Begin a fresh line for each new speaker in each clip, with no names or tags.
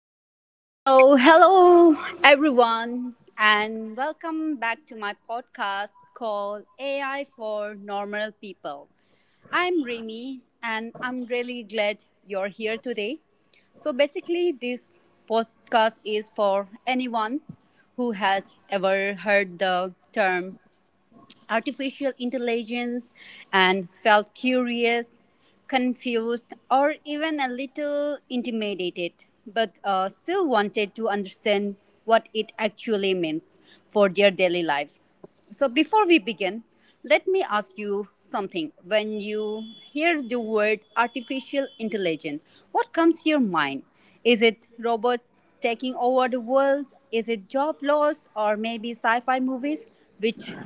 Okay, so hello everyone, and welcome back to my podcast called AI for Normal People. I'm Remy, and I'm really glad you're here today. So, basically, this podcast is for anyone who has ever heard the term artificial intelligence and felt curious, confused, or even a little intimidated, but still wanted to understand what it actually means for their daily life. So, before we begin, let me ask you something. When you hear the word artificial intelligence, what comes to your mind? Is it robot taking over the world? Is it job loss or maybe sci fi movies, which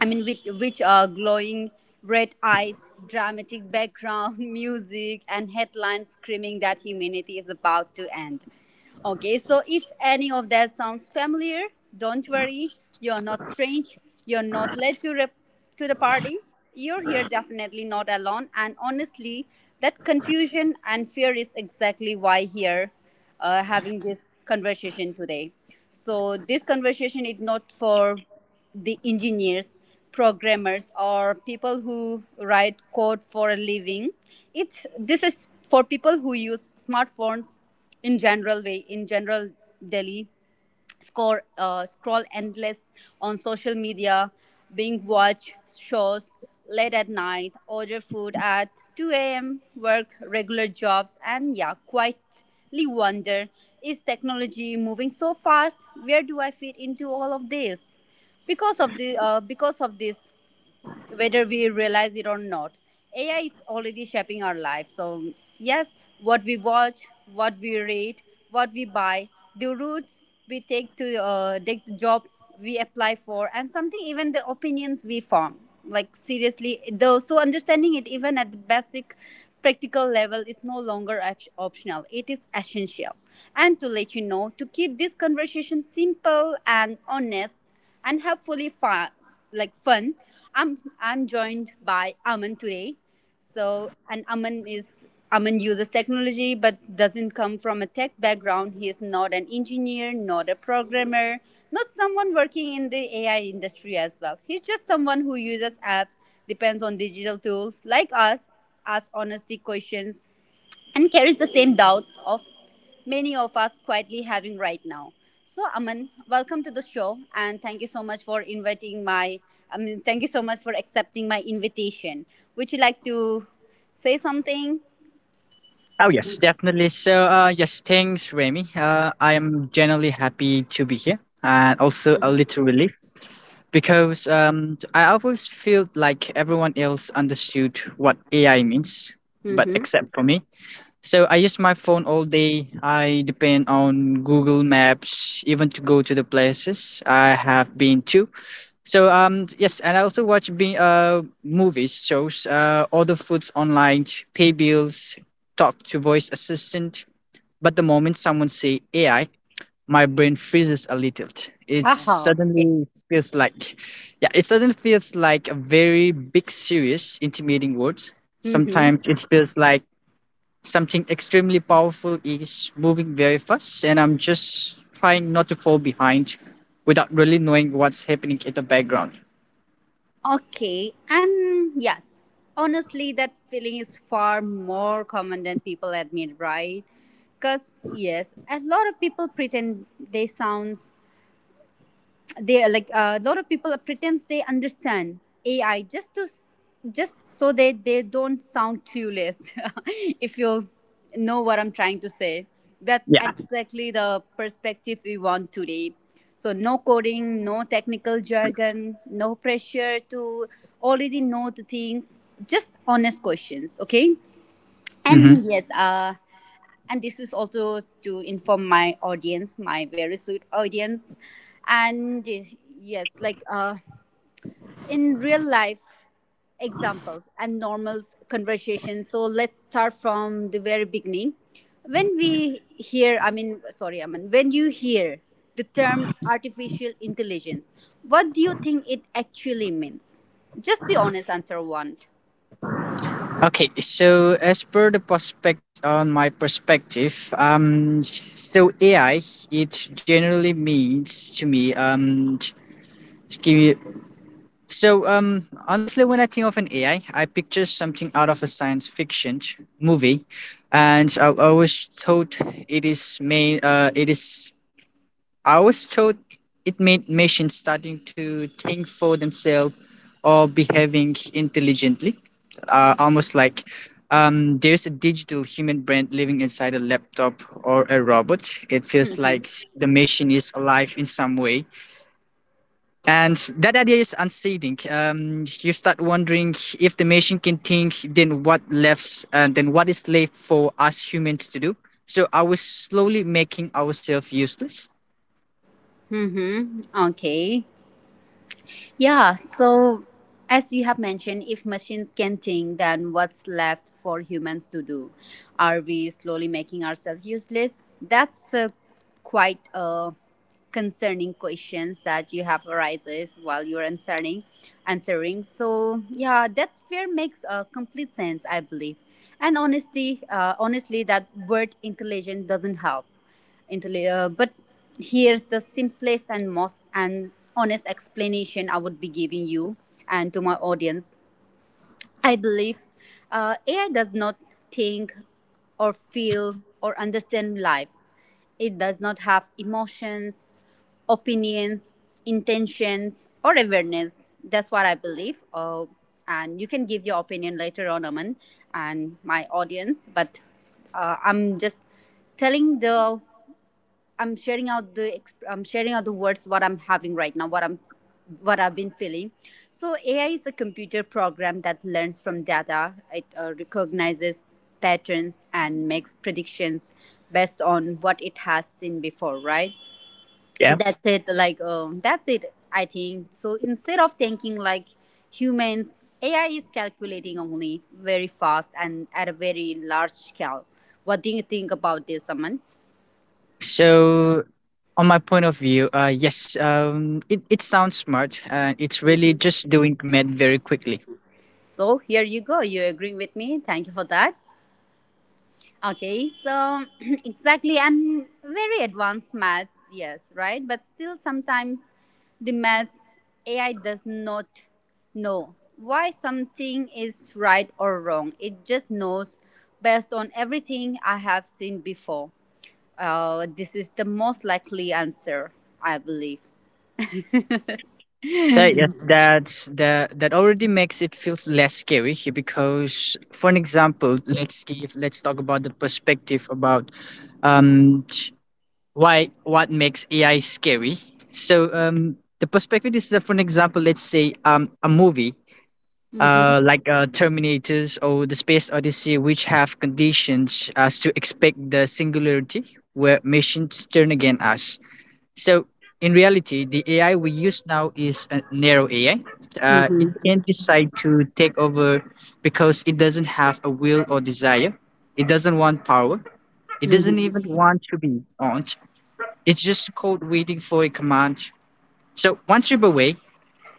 I mean, which are glowing red eyes, dramatic background music, and headlines screaming that humanity is about to end. Okay, so if any of that sounds familiar, don't worry. You're not strange. You're not late to, rep- To the party, you're here definitely not alone. And honestly, that confusion and fear is exactly why here having this conversation today. So this conversation is not for the engineers programmers or people who write code for a living, it this is for people who use smartphones in general way, in general delhi score, scroll endless on social media, being watch shows late at night, order food at 2 a.m., work regular jobs, and yeah, quietly wonder, is technology moving so fast? Where do I fit into all of this? Because of this, whether we realize it or not, AI is already shaping our life. So, yes, what we watch, what we read, what we buy, the routes we take to take, the job we apply for, and something even the opinions we form. Like, seriously, though, so understanding it even at the basic practical level is no longer optional, it is essential. And to let you know, to keep this conversation simple and honest, and hopefully fun, like fun. I'm joined by Aman today. So, and Aman uses technology but doesn't come from a tech background. He is not an engineer, not a programmer, not someone working in the AI industry as well. He's just someone who uses apps, depends on digital tools like us, asks honesty questions, and carries the same doubts of many of us quietly having right now. So, Aman, welcome to the show, and thank you so much for inviting my. I mean, thank you so much for accepting my invitation. Would you like to say something?
Oh yes, definitely. So yes, thanks, Remy. I am generally happy to be here, and also a little relief because I always felt like everyone else understood what AI means, but
Mm-hmm.
except for me. So I use my phone all day. I depend on Google Maps even to go to the places I have been to. So yes, and I also watch be movies, shows, order foods online, pay bills, talk to voice assistant. But the moment someone say AI, my brain freezes a little. It
Haha, okay.
suddenly feels like yeah, it suddenly feels like a very big, serious, intimidating words.
Mm-hmm.
Sometimes it feels like something extremely powerful is moving very fast, and I'm just trying not to fall behind without really knowing what's happening in the background.
Okay, and yes, honestly, that feeling is far more common than people admit, right? Because, yes, a lot of people pretend they sound they are like a lot of people pretends they understand AI just so they don't sound clueless. If you know what I'm trying to say, that's
Yeah.
exactly the perspective we want today. So no coding, no technical jargon, no pressure to already know the things. Just honest questions, okay?
Hmm.
And yes, and this is also to inform my very sweet audience and yes, in real life examples and normal conversation. So let's start from the very beginning. When we hear I mean sorry I mean when you hear the term artificial intelligence, what do you think it actually means? Just the honest answer I want.
Okay, so as per the prospect on my perspective, so AI it generally means to me just give you. So honestly, when I think of an AI, I picture something out of a science fiction movie, and I always thought it is main it is I was told it meant machines starting to think for themselves or behaving intelligently, almost like there's a digital human brain living inside a laptop or a robot. It feels like the machine is alive in some way. And that idea is unseating. You start wondering if the machine can think, then what is left for us humans to do. So are we slowly making ourselves useless?
Mm-hmm. Okay. Yeah, so as you have mentioned, if machines can think, then what's left for humans to do? Are we slowly making ourselves useless? That's quite a concerning questions that you have arises while you're answering. So yeah, that's fair, makes complete sense, I believe. And honestly, that word intelligent doesn't help. But here's the simplest and most and honest explanation I would be giving you and to my audience. I believe AI does not think or feel or understand life. It does not have emotions, opinions, intentions, or awareness. That's what I believe. And you can give your opinion later on, Aman, and my audience. But I'm just telling the I'm sharing out the words what I'm having right now, what I've been feeling. So AI is a computer program that learns from data. It recognizes patterns and makes predictions based on what it has seen before, right?
Yeah.
That's it. That's it, I think so. Instead of thinking like humans, AI is calculating only very fast and at a very large scale. What do you think about this, Aman?
So, on my point of view, yes, it sounds smart, and it's really just doing math very quickly.
So here you go. You agree with me? Thank you for that. Okay, so exactly, and very advanced maths, yes, right? But still, sometimes the maths AI does not know why something is right or wrong. It just knows based on everything I have seen before. This is the most likely answer, I believe.
So yes, that already makes it feel less scary here because, for an example, let's talk about the perspective about um why what makes AI scary. So the perspective is that, for an example, let's say a movie
Mm-hmm.
like Terminators or the Space Odyssey, which have conditions us to expect the singularity where machines turn against us. So, in reality, the AI we use now is a narrow AI. It can decide to take over because it doesn't have a will or desire. It doesn't want power. It doesn't even want to be owned. It's just code waiting for a command. So, one trip away,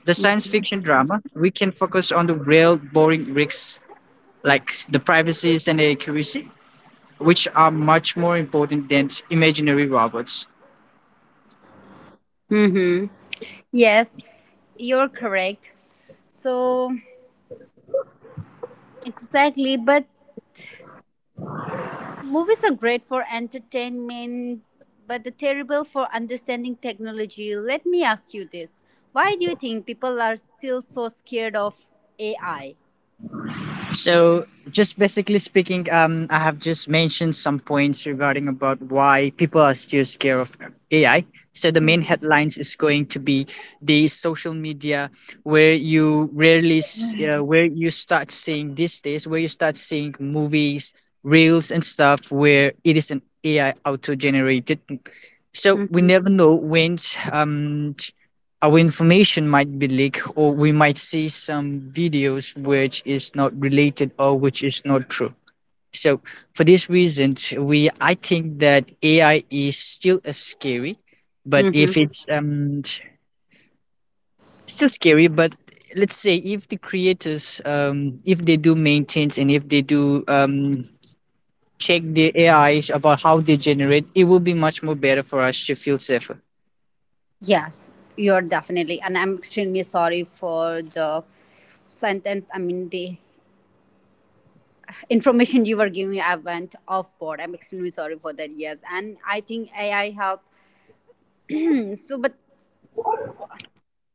the science fiction drama, we can focus on the real boring risks like the privacy and accuracy, which are much more important than imaginary robots.
Mm-hmm. Yes, you're correct. So exactly, but movies are great for entertainment, but they're terrible for understanding technology. Let me ask you this, why do you think people are still so scared of AI?
So just basically speaking, I have just mentioned some points regarding about why people are still scared of AI. So the main headlines is going to be the social media, where you start seeing these days, where you start seeing movies, reels, and stuff, where it is an AI auto generated.
Hmm.
So we
Mm-hmm.
never know when um, our information might be leaked, or we might see some videos which is not related or which is not true. So for this reason, we I think that AI is still a scary, but if
Mm-hmm.
it's still scary, but let's say, if the creators if they do maintains, and if they do check the AIs about how they generate, it will be much more better for us to feel safer.
Yes, you're definitely, and I'm extremely sorry for the information you were giving, I went off board. I'm extremely sorry for that. Yes, and I think AI helped. Hmm, so, but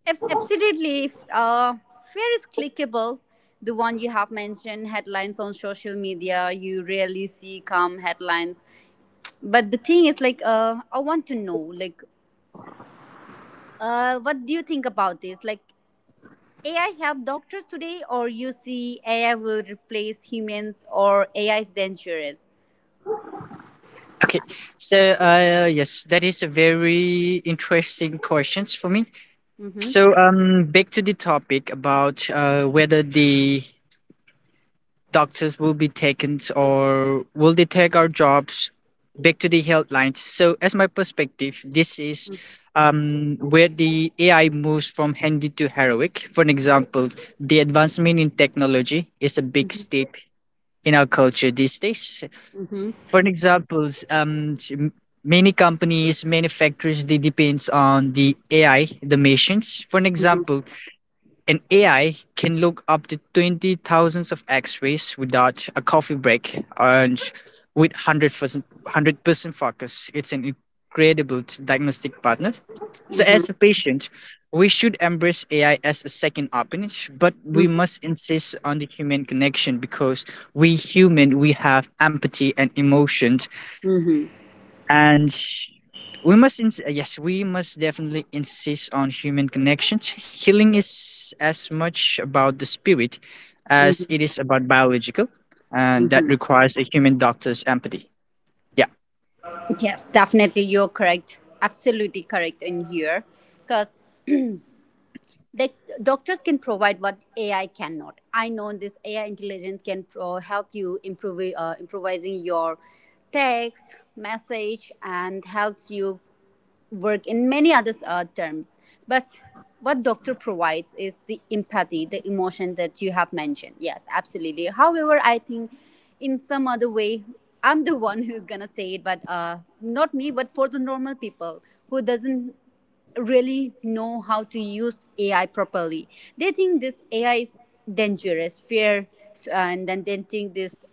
Absolutely. If fear is clickable, the one you have mentioned, headlines on social media, you rarely see calm headlines. But the thing is, I want to know, what do you think about this? Like, AI help doctors today, or you see AI will replace humans, or AI is dangerous?
Okay, so yes, that is a very interesting questions for me.
Mm-hmm.
So back to the topic about whether the doctors will be taken or will they take our jobs. Back to the health lines. So as my perspective, this is where the AI moves from handy to heroic. For an example, the advancement in technology is a big step in our culture these days,
Mm-hmm.
for an examples, many companies, many factories, they depends on the AI, the machines. For an example, an AI can look up to 20,000 of X-rays without a coffee break and with 100% focus. It's an incredible diagnostic partner. So
Mm-hmm.
as a patient, we should embrace AI as a second opinion, but we
Mm-hmm.
must insist on the human connection because we have empathy and emotion,
Mm-hmm.
and yes, we must definitely insist on human connections. Healing is as much about the spirit as
Mm-hmm.
it is about biological, and that requires a human doctor's empathy. Yeah.
Yes, definitely. You're correct. Absolutely correct in here. Because the doctors can provide what AI cannot. I know this AI intelligence can help you improve, improvising your text message and helps you work in many other terms. But what doctor provides is the empathy, the emotion that you have mentioned. Yes, absolutely. However, I think in some other way, I'm the one who's gonna say it. But not me, but for the normal people who doesn't really know how to use AI properly, they think this AI is dangerous, fear, and then they think this.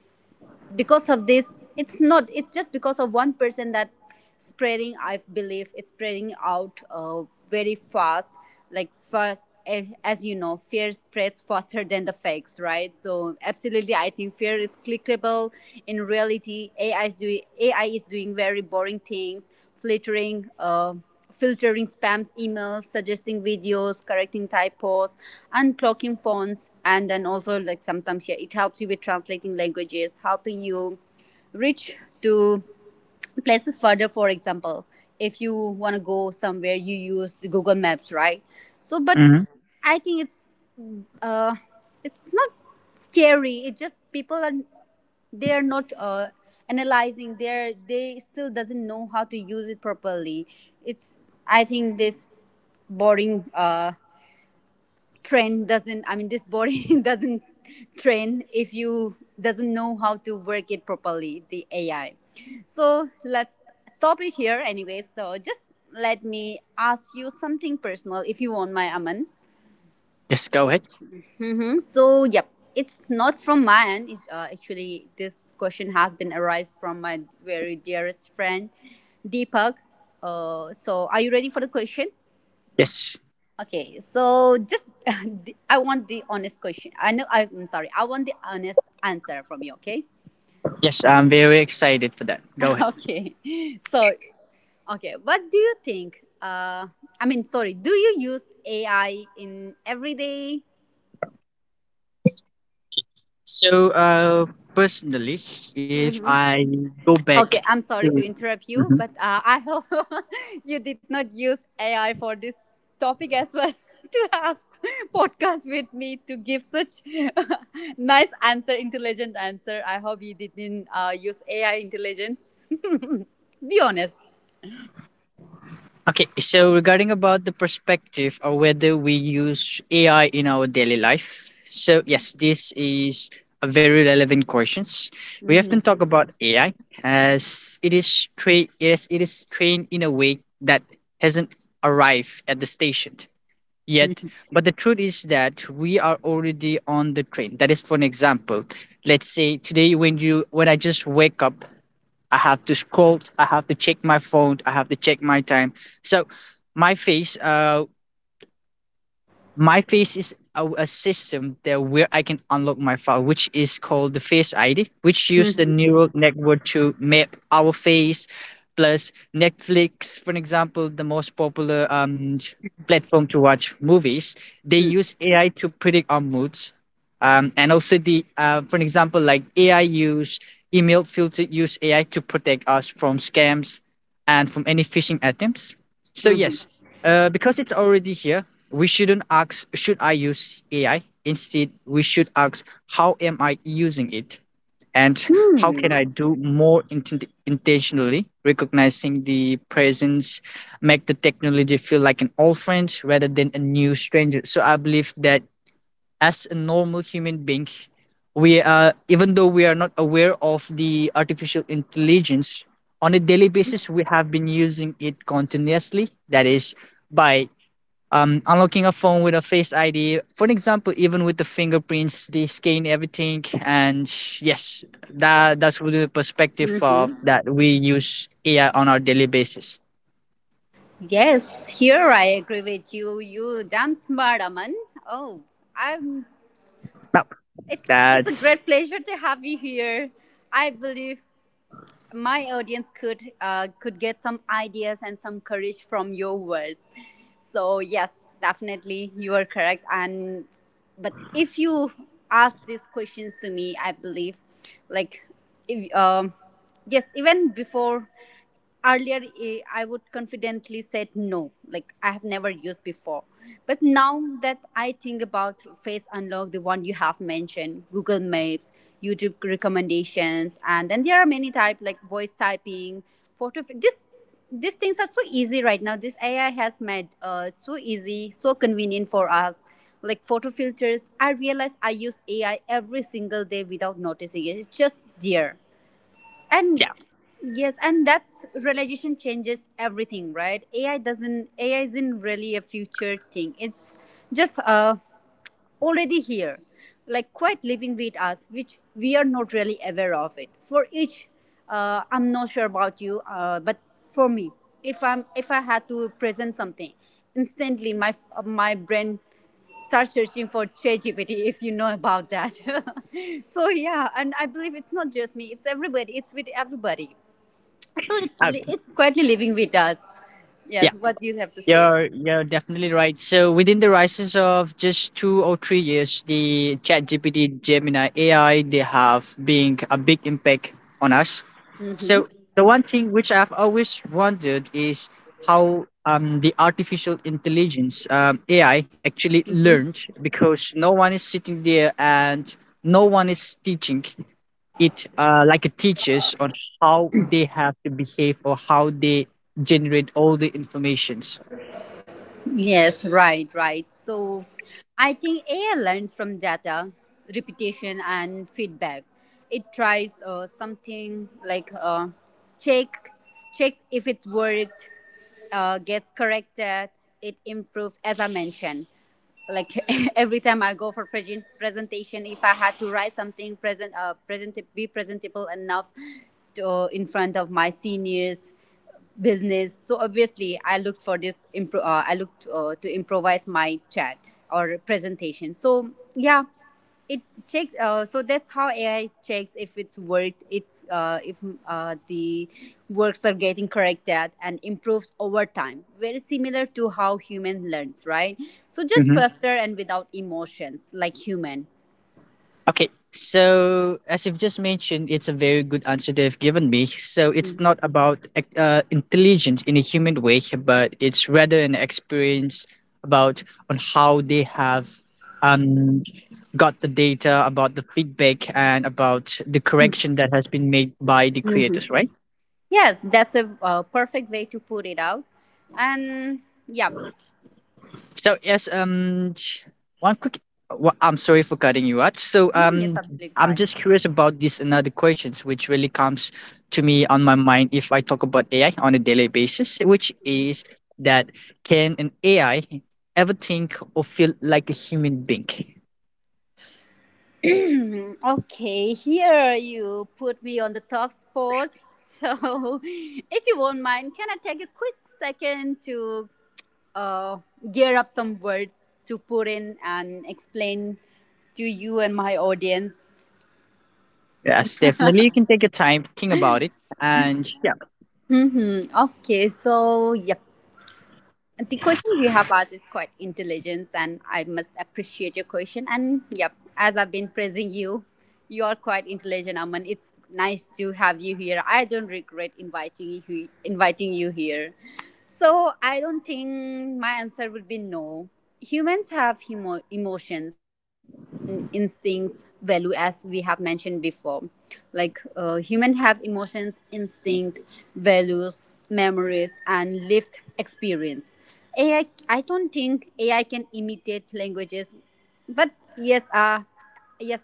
Because of this, it's not it's just because of one person that spreading, I believe it's spreading out very fast, like fast. As you know, fear spreads faster than the facts, right? So absolutely, I think fear is clickable. In reality, AI is doing very boring things, flittering filtering spams emails, suggesting videos, correcting typos, unclocking fonts, and then also like sometimes, yeah, it helps you with translating languages, helping you reach to places further. For example, if you want to go somewhere, you use the Google Maps, right? So but
Mm-hmm.
I think uh it's not scary, it just people are, they are not analyzing, they still doesn't know how to use it properly. It's, I think, this boring train doesn't, I mean, this body doesn't train if you doesn't know how to work it properly, the AI. So let's stop it here anyway. So just let me ask you something personal if you want, my Aman.
Yes, go ahead.
Hmm. So yep, it's not from my end. It's, actually, this question has been arise from my very dearest friend Deepak. So are you ready for the question?
Yes.
Okay, so just I want the honest question. I know I'm sorry. I want the honest answer from you. Okay.
Yes, I'm very excited for that. Go ahead.
Okay. So, okay. What do you think? I mean, sorry. Do you use AI in everyday?
So personally, if I go back
Okay, I'm sorry
to.
to interrupt you,
Mhm.
but I hope you did not use AI for this topic as well to have podcast with me to give such nice answer, intelligent answer. I hope you didn't use AI intelligence. Be honest.
Okay, so regarding about the perspective or whether we use AI in our daily life. So yes, this is a very relevant questions. We often talk about AI as it is trained, yes, it is trained in a way that hasn't arrived at the station yet. But the truth is that we are already on the train. That is, for an example, let's say today when you when I just wake up, I have to scroll. I have to check my phone. I have to check my time. So my face uh, my face is a system there where I can unlock my file, which is called the Face ID, which use the
Mhm,
neural network to map our face, plus Netflix, for an example, the most popular platform to watch movies. They
mhm,
use AI to predict our moods, and also the for an example, like AI use email filter use AI to protect us from scams and from any phishing attempts. So
mhm.
yes, because it's already here, we shouldn't ask, should I use AI? Instead, we should ask, how am I using it? And how can
Hmm.
I do more intentionally, recognizing the presence, make the technology feel like an old friend rather than a new stranger? So I believe that as a normal human being, we are, even though we are not aware of the artificial intelligence, on a daily basis, we have been using it continuously. That is, by unlocking a phone with a face ID. For example, even with the fingerprints, they scan everything. And yes, that's really the perspective of that we use AI on our daily basis.
Yes, here I agree with you. You damn smart, Aman. Oh, I'm.
No.
It's a
That's.
great pleasure to have you here. I believe my audience could get some ideas and some courage from your words, so yes, definitely you are correct. And but if you ask these questions to me, I believe, like, if yes even before, earlier, I would confidently said no, like I have never used before. But now that I think about face unlock, the one you have mentioned, Google Maps, YouTube recommendations, and then there are many type, like voice typing, photo this these things are so easy right now. This AI has made it so easy, so convenient for us, like photo filters. I realize I use AI every single day without noticing it. It's just there. And
Yeah.
yes, and that's realization changes everything, right? AI isn't really a future thing. It's just a already here, like quite living with us, which we are not really aware of it. For each, I'm not sure about you, but for me, if I had to present something, instantly my brain starts searching for ChatGPT, if you know about that. So yeah, and I believe it's not just me; it's everybody. It's with everybody. So
uh,
it's quietly living with us.
yeah.
Yes, what do you have to say?
You're definitely right. So within the rises of just 2 or 3 years, the ChatGPT, Gemini AI, they have being a big impact on us. So
Mm-hmm.
the one thing which I've always wondered is how the artificial intelligence AI actually learned because no one is sitting there and no one is teaching it like a teachers on how they have to behave or how they generate all the informations.
Yes, right, right. So I think AI learns from data, repetition, and feedback. It tries something like check checks if it worked, gets corrected, it improves, as I mentioned. Like every time I go for presentation, if I had to write something present, present be presentable enough to, in front of my seniors, business. So obviously, I looked for this. I looked to improvise my chat or presentation. So yeah, it checks. So that's how AI checks if it worked. It's if the works are getting corrected and improves over time. Very similar to how human learns, right? So just faster and without emotions, like human.
Okay. So, as you've just mentioned, it's a very good answer they've given me. So, it's not about intelligence in a human way, but it's rather an experience about on how they have um, got the data, about the feedback, and about the correction that has been made by the creators, right?
Yes, that's a perfect way to put it out. And yeah,
So yes, one quick. Well, I'm sorry for cutting you out. So
mm, it's absolutely
I'm
fine.
just curious about this another questions, which really comes to me on my mind if I talk about AI on a daily basis, which is that can an AI ever think or feel like a human being?
Hmm, okay, here you put me on the tough spot. So, if you won't mind, can I take a quick second to uh, gear up some words to put in and explain to you and my audience?
Yes, definitely. You can take your time, think about it, and
Mm-hmm. Okay, so, yep. The question you have asked is quite intelligent, and I must appreciate your question. And yep, as I've been praising you, you are quite intelligent, Aman. It's nice to have you here. I don't regret inviting you. He- inviting you here So I don't think my answer would be no. Humans have emotions and instincts value, as we have mentioned before. Like humans have emotions, instinct, values, memories, and lived experience. Ai I don't think AI can imitate languages, but yes, yes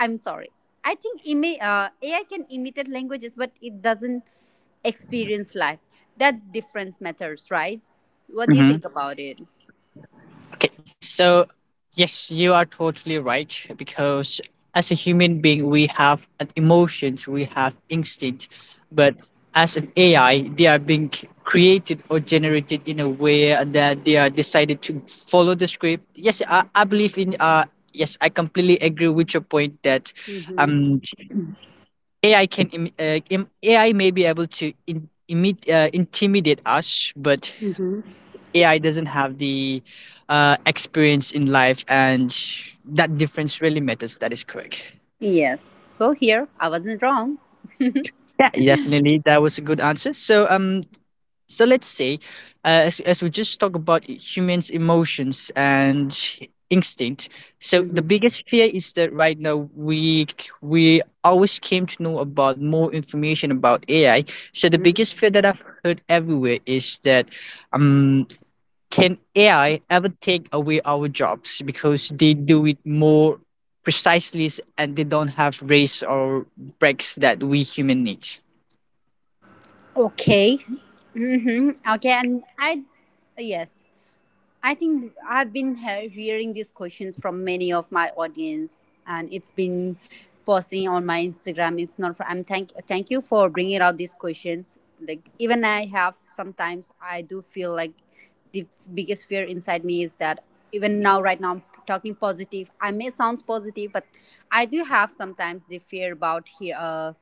I'm sorry, I think AI can imitate languages, but it doesn't experience life. That difference matters, right? What do you
yeah.
think about it?
Okay, so yes, you are totally right because as a human being, we have an emotions, we have instinct, but as an AI, they are being created or generated in a way that they are decided to follow the script. Yes, I believe in. Yes, I completely agree with your point that um, AI AI may be able to intimidate us, but AI doesn't have the experience in life, and that difference really matters. That is correct.
Yes. So here, I wasn't wrong.
Yeah, definitely. That was a good answer. So, so let's say, as we just talk about humans' emotions and instinct. So the
hmm
biggest fear is that right now we always came to know about more information about AI. So the biggest fear that I've heard everywhere is that um, can AI ever take away our jobs because they do it more precisely and they don't have race or breaks that we human needs?
Okay. Okay. And I, yes, I think I've been hearing these questions from many of my audience, and it's been posting on my Instagram. It's not. For, I'm thank you for bringing out these questions. Like even I have sometimes I do feel like the biggest fear inside me is that even now, right now, I'm talking positive. I may sound positive, but I do have sometimes the fear about here.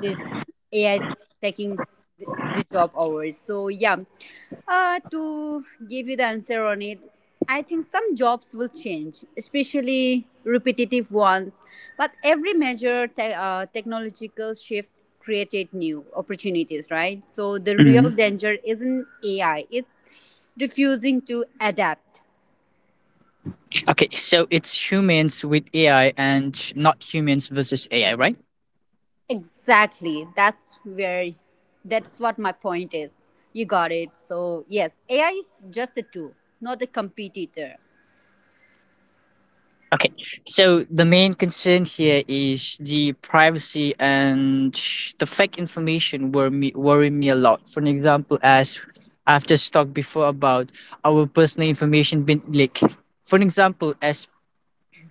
This AI is taking the job hours. So yeah, to give you the answer on it, I think some jobs will change, especially repetitive ones. But every major technological shift created new opportunities, right? So the real
Mhm.
danger isn't AI; it's refusing to adapt.
Okay, so it's humans with AI and not humans versus AI, right?
Exactly. That's what my point is. You got it. So yes, AI is just a tool, not a competitor.
Okay, so the main concern here is the privacy and the fake information worry me a lot. For an example, as I've just talked before about our personal information being leaked. For an example, as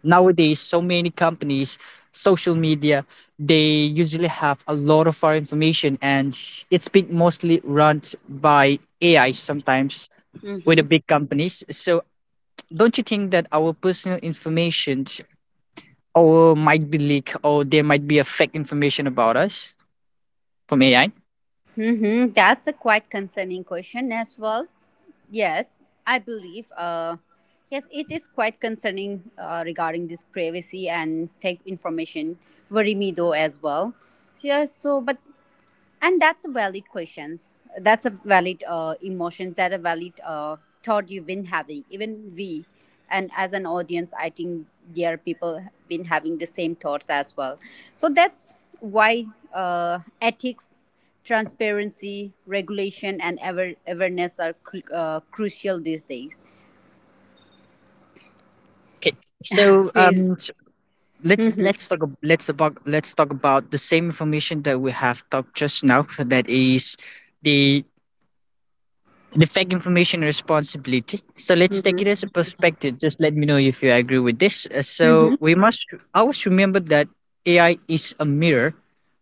nowadays so many companies, social media, they usually have a lot of our information, and it's being mostly run by AI sometimes with the
Mm-hmm.
big companies. So don't you think that our personal information or might be leak, or there might be a fake information about us from AI?
Mm-hmm. That's a quite concerning question as well. Yes, I believe. Yes, it is quite concerning regarding this privacy and fake information worry me though as well. Yes. So, but and that's a valid questions, that's a valid emotion, that a valid thought you've been having, even we, and as an audience, I think there are people been having the same thoughts as well. So that's why, ethics, transparency, regulation, and awareness are crucial these days.
Okay. So
Okay.
um s- let's talk about the same information that we have talked just now, that is the the fake information responsibility. So let's take it as a perspective. Just let me know if you agree with this. So
Mm-hmm.
we must always remember that AI is a mirror.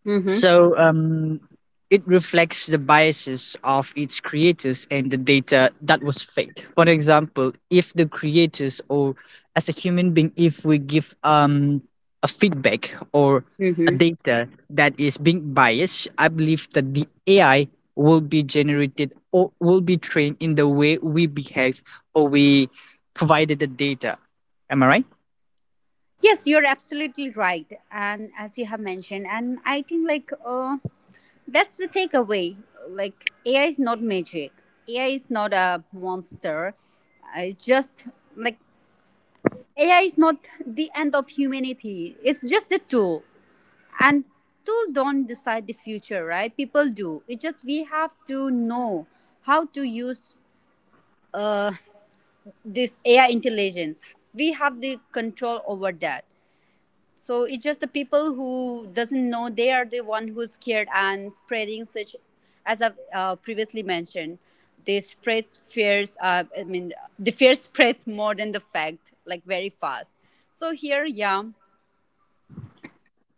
Mm-hmm.
So um, it reflects the biases of its creators and the data that was fed. For example, if the creators, or as a human being, if we give a feedback or a
Mm-hmm.
data that is being biased, I believe that the AI will be generated or will be trained in the way we behave or we provided the data. Am I right?
Yes, you're absolutely right. And as you have mentioned, and I think like that's the takeaway. Like AI is not magic. AI is not a monster. It's just like AI is not the end of humanity. It's just a tool. And tool don't decide the future, right? People do. It just we have to know how to use uh, this AI intelligence. We have the control over that. So it's just the people who doesn't know, they are the one who's scared and spreading such, as I've previously mentioned. They spread fears, I mean, the fear spreads more than the fact, like, very fast. So here, yeah,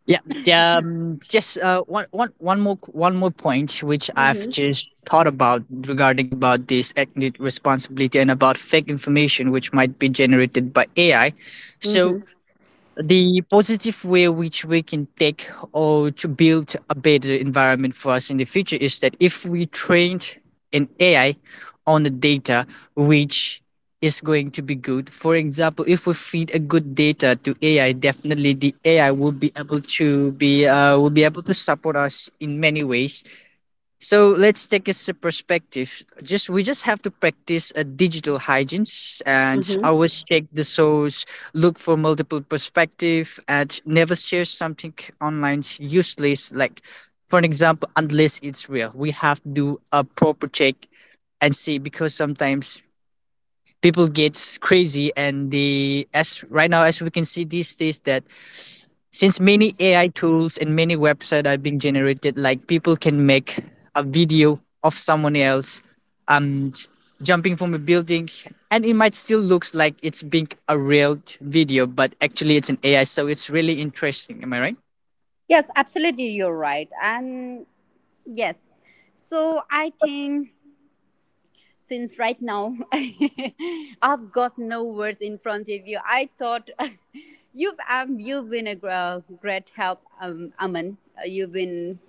Yeah, yeah, just one, one, one more point which I've just thought about regarding about this ethnic responsibility and about fake information which might be generated by AI. So the positive way which we can take or to build a better environment for us in the future is that if we trained an AI on the data which is going to be good. For example, if we feed a good data to AI, definitely the AI will be able to be will be able to support us in many ways. So let's take this a perspective. Just We just have to practice a digital hygiene and always check the source, look for multiple perspective, and never share something online useless. Like, for an example, unless it's real, we have to do a proper check and see, because sometimes people gets crazy, and the as right now as we can see these days, that since many AI tools and many websites are being generated, like people can make a video of someone else um jumping from a building, and it might still looks like it's being a real video, but actually it's an AI, so it's really interesting. Am I right?
yes, absolutely, you're right. And yes, so I think, since right now, I've got no words in front of you. I thought you've been a great help, Aman. You've been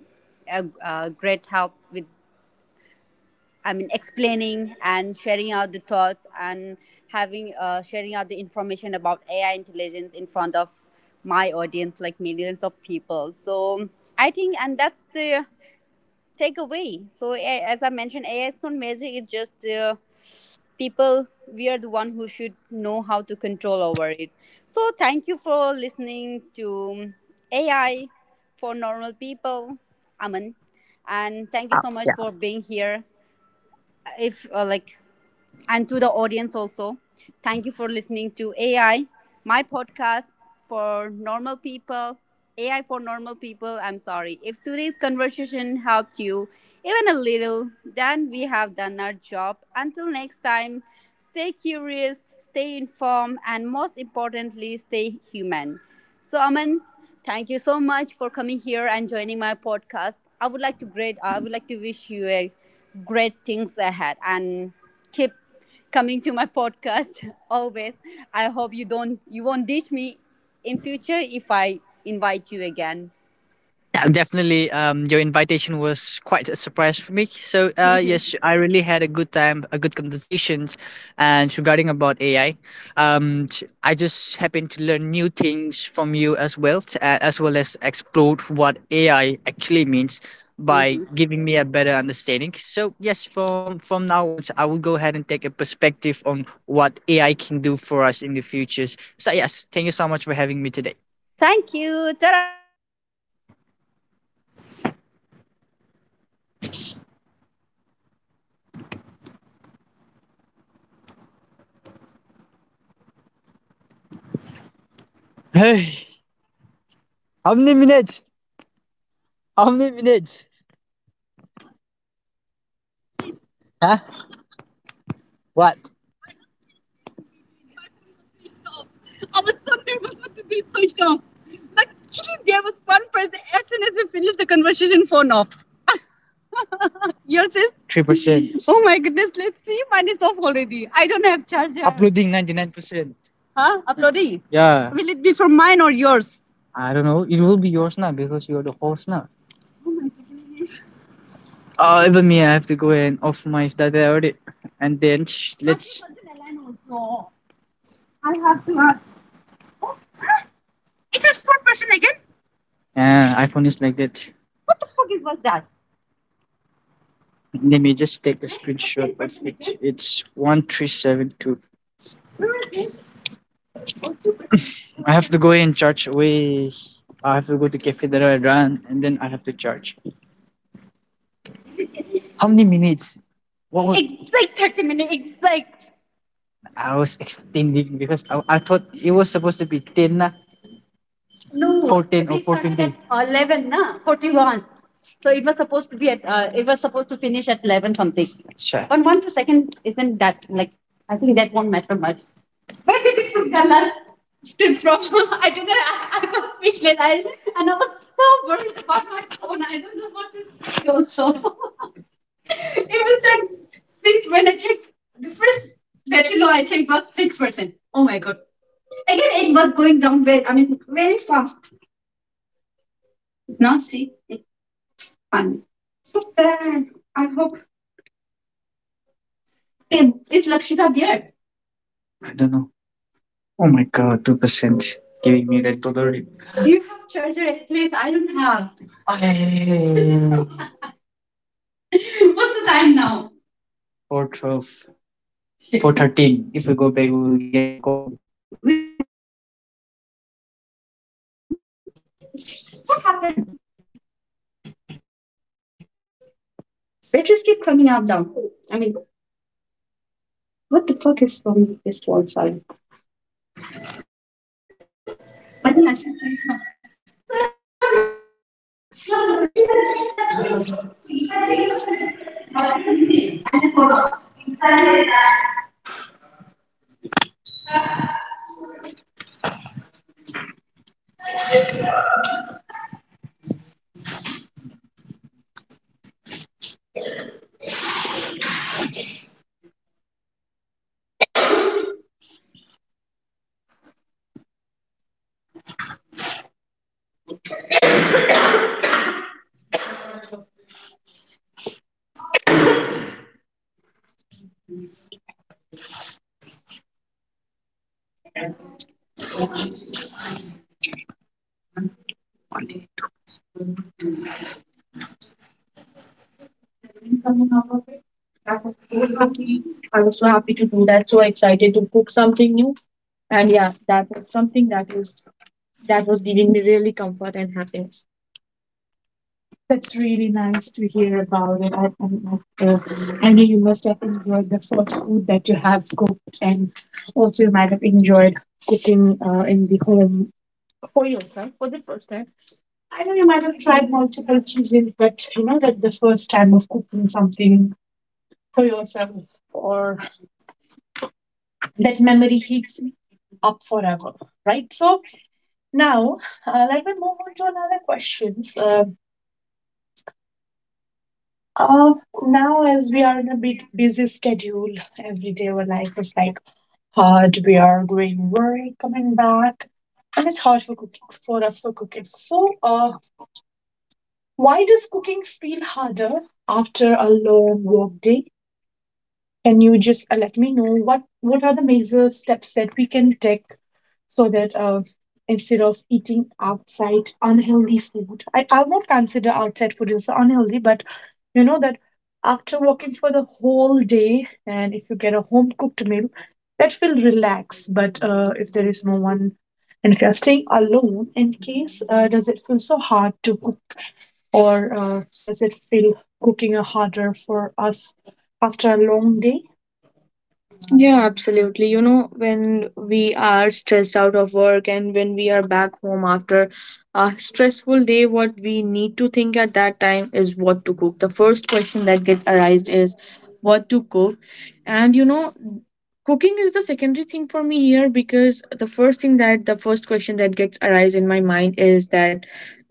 a great help with, I mean, explaining and sharing out the thoughts and having sharing out the information about AI intelligence in front of my audience, like millions of people. So I think, and that's the takeaway. So as I mentioned, AI is not magic; it's just people, we are the one who should know how to control over it. So thank you for listening to AI for normal people, Aman, and thank you so much for being here. If like, and to the audience also. Thank you for listening to AI, my podcast for normal people. AI for normal people. I'm sorry. If today's conversation helped you even a little, then we have done our job. Until next time, stay curious, stay informed, and most importantly, stay human. So, Aman, thank you so much for coming here and joining my podcast. I would like to great. I would like to wish you a great things ahead, and keep coming to my podcast always. I hope you won't ditch me in future if I invite you again.
Yeah, definitely. Your invitation was quite a surprise for me. So, yes, I really had a good time, a good conversations, and regarding about AI, I just happened to learn new things from you as well, as well as explore what AI actually means by giving me a better understanding. So, yes, from now on, I will go ahead and take a perspective on what AI can do for us in the futures. So, yes, thank you so much for having me today. Hey, how many minutes? How many minutes? Huh? What? I was so nervous what to do. It's so sharp. Like, there was one person, as soon as we finished the conversation, phone off. Yours is? 3%. Oh my goodness, let's see. Mine is off already. I don't have charger. Uploading 99%. Huh? Uploading? Yeah. Will it be for mine or yours? I don't know. It will be yours now because you're the host now. Oh, even me, I have to go and off my data already. And then shh, let's. I have to ask. It was 4% again. Yeah, iPhone is like that. Whose cookies was that? Let me just take a screenshot of it. It's 1372. I have to go and charge. Wait, I have to go to Cafe that I run, and then I have to charge. How many minutes? What was, it's like 30 minutes. It's like I was extending because I thought it was supposed to be ten, na. No, 14, or we started 14 days at 11, na, 41. So it was supposed to be at, it was supposed to finish at 11 something. Sure. But one to second, isn't that like, I think that won't matter much. Gala stood from I didn't I got speechless. I and I was so worried about my phone. I don't know what to say also. It was like six when I checked the first, battery low I checked was 6%. Oh my god. Now see, it's fun. So sad. I hope. Is Lakshita there? I don't know. Oh my god, 2% giving me red alert. Do you have charger at least? I don't have. Ay. What's the time now? 412, 413. If we go back, we will get cold. We won't get cold now. See, everyone is getting. See, what happened? They just keep coming up down. I mean, what the fuck is wrong with this one side? I think I should have been coming out of it. That was so happy. I was so happy to do that, so excited to cook something new. And yeah, that was something that was giving me really comfort and happiness. That's really nice to hear about it. I, uh, I know you must have enjoyed the first food that you have cooked, and also you might have enjoyed cooking in the home for yourself for the first time. I know you might have tried multiple cuisines, but you know that the first time of cooking something for yourself, or that memory heats up forever, right? So now, let me move on to another questions. Uh, Now, as we are in a bit busy schedule, every day our life is like hard. We are going work, coming back, and it's hard for cooking, for us for cooking. So, why does cooking feel harder after a long work day? Can you just let me know what are the major steps that we can take, so that instead of eating outside unhealthy food? I'll not consider outside food as unhealthy, but you know that after working for the whole day and if you get a home cooked meal, that will relax. But if there is no one and if you are staying alone, in case does it feel so hard to cook, or does it feel cooking harder for us after a long day? Yeah, absolutely. You know, when we are stressed out of work and when we are back home after a stressful day, what we need to think at that time is what to cook. The first question that get arised is what to cook. And you know, cooking is the secondary thing for me here, because the first thing that the first question that gets arise in my mind is that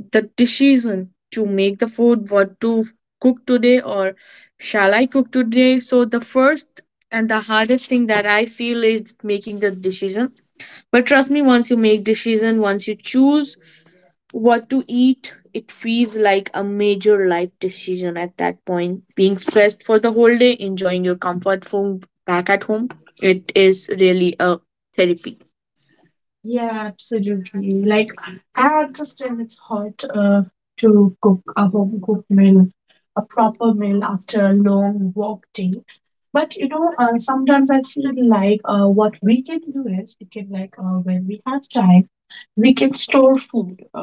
the decision to make the food, what to cook today, or shall I cook today? So the first and the hardest thing that I feel is making the decision. But trust me, once you make decision, once you choose what to eat, it feels like a major life decision. At that point, being stressed for the whole day, enjoying your comfort food back at home, it is really a therapy. Yeah, absolutely. Like, I understand it's hard to cook a home cooked meal, a proper meal, after a long work day. But you know, sometimes I feel like, what we can do is we can, like, when we have time, we can store food.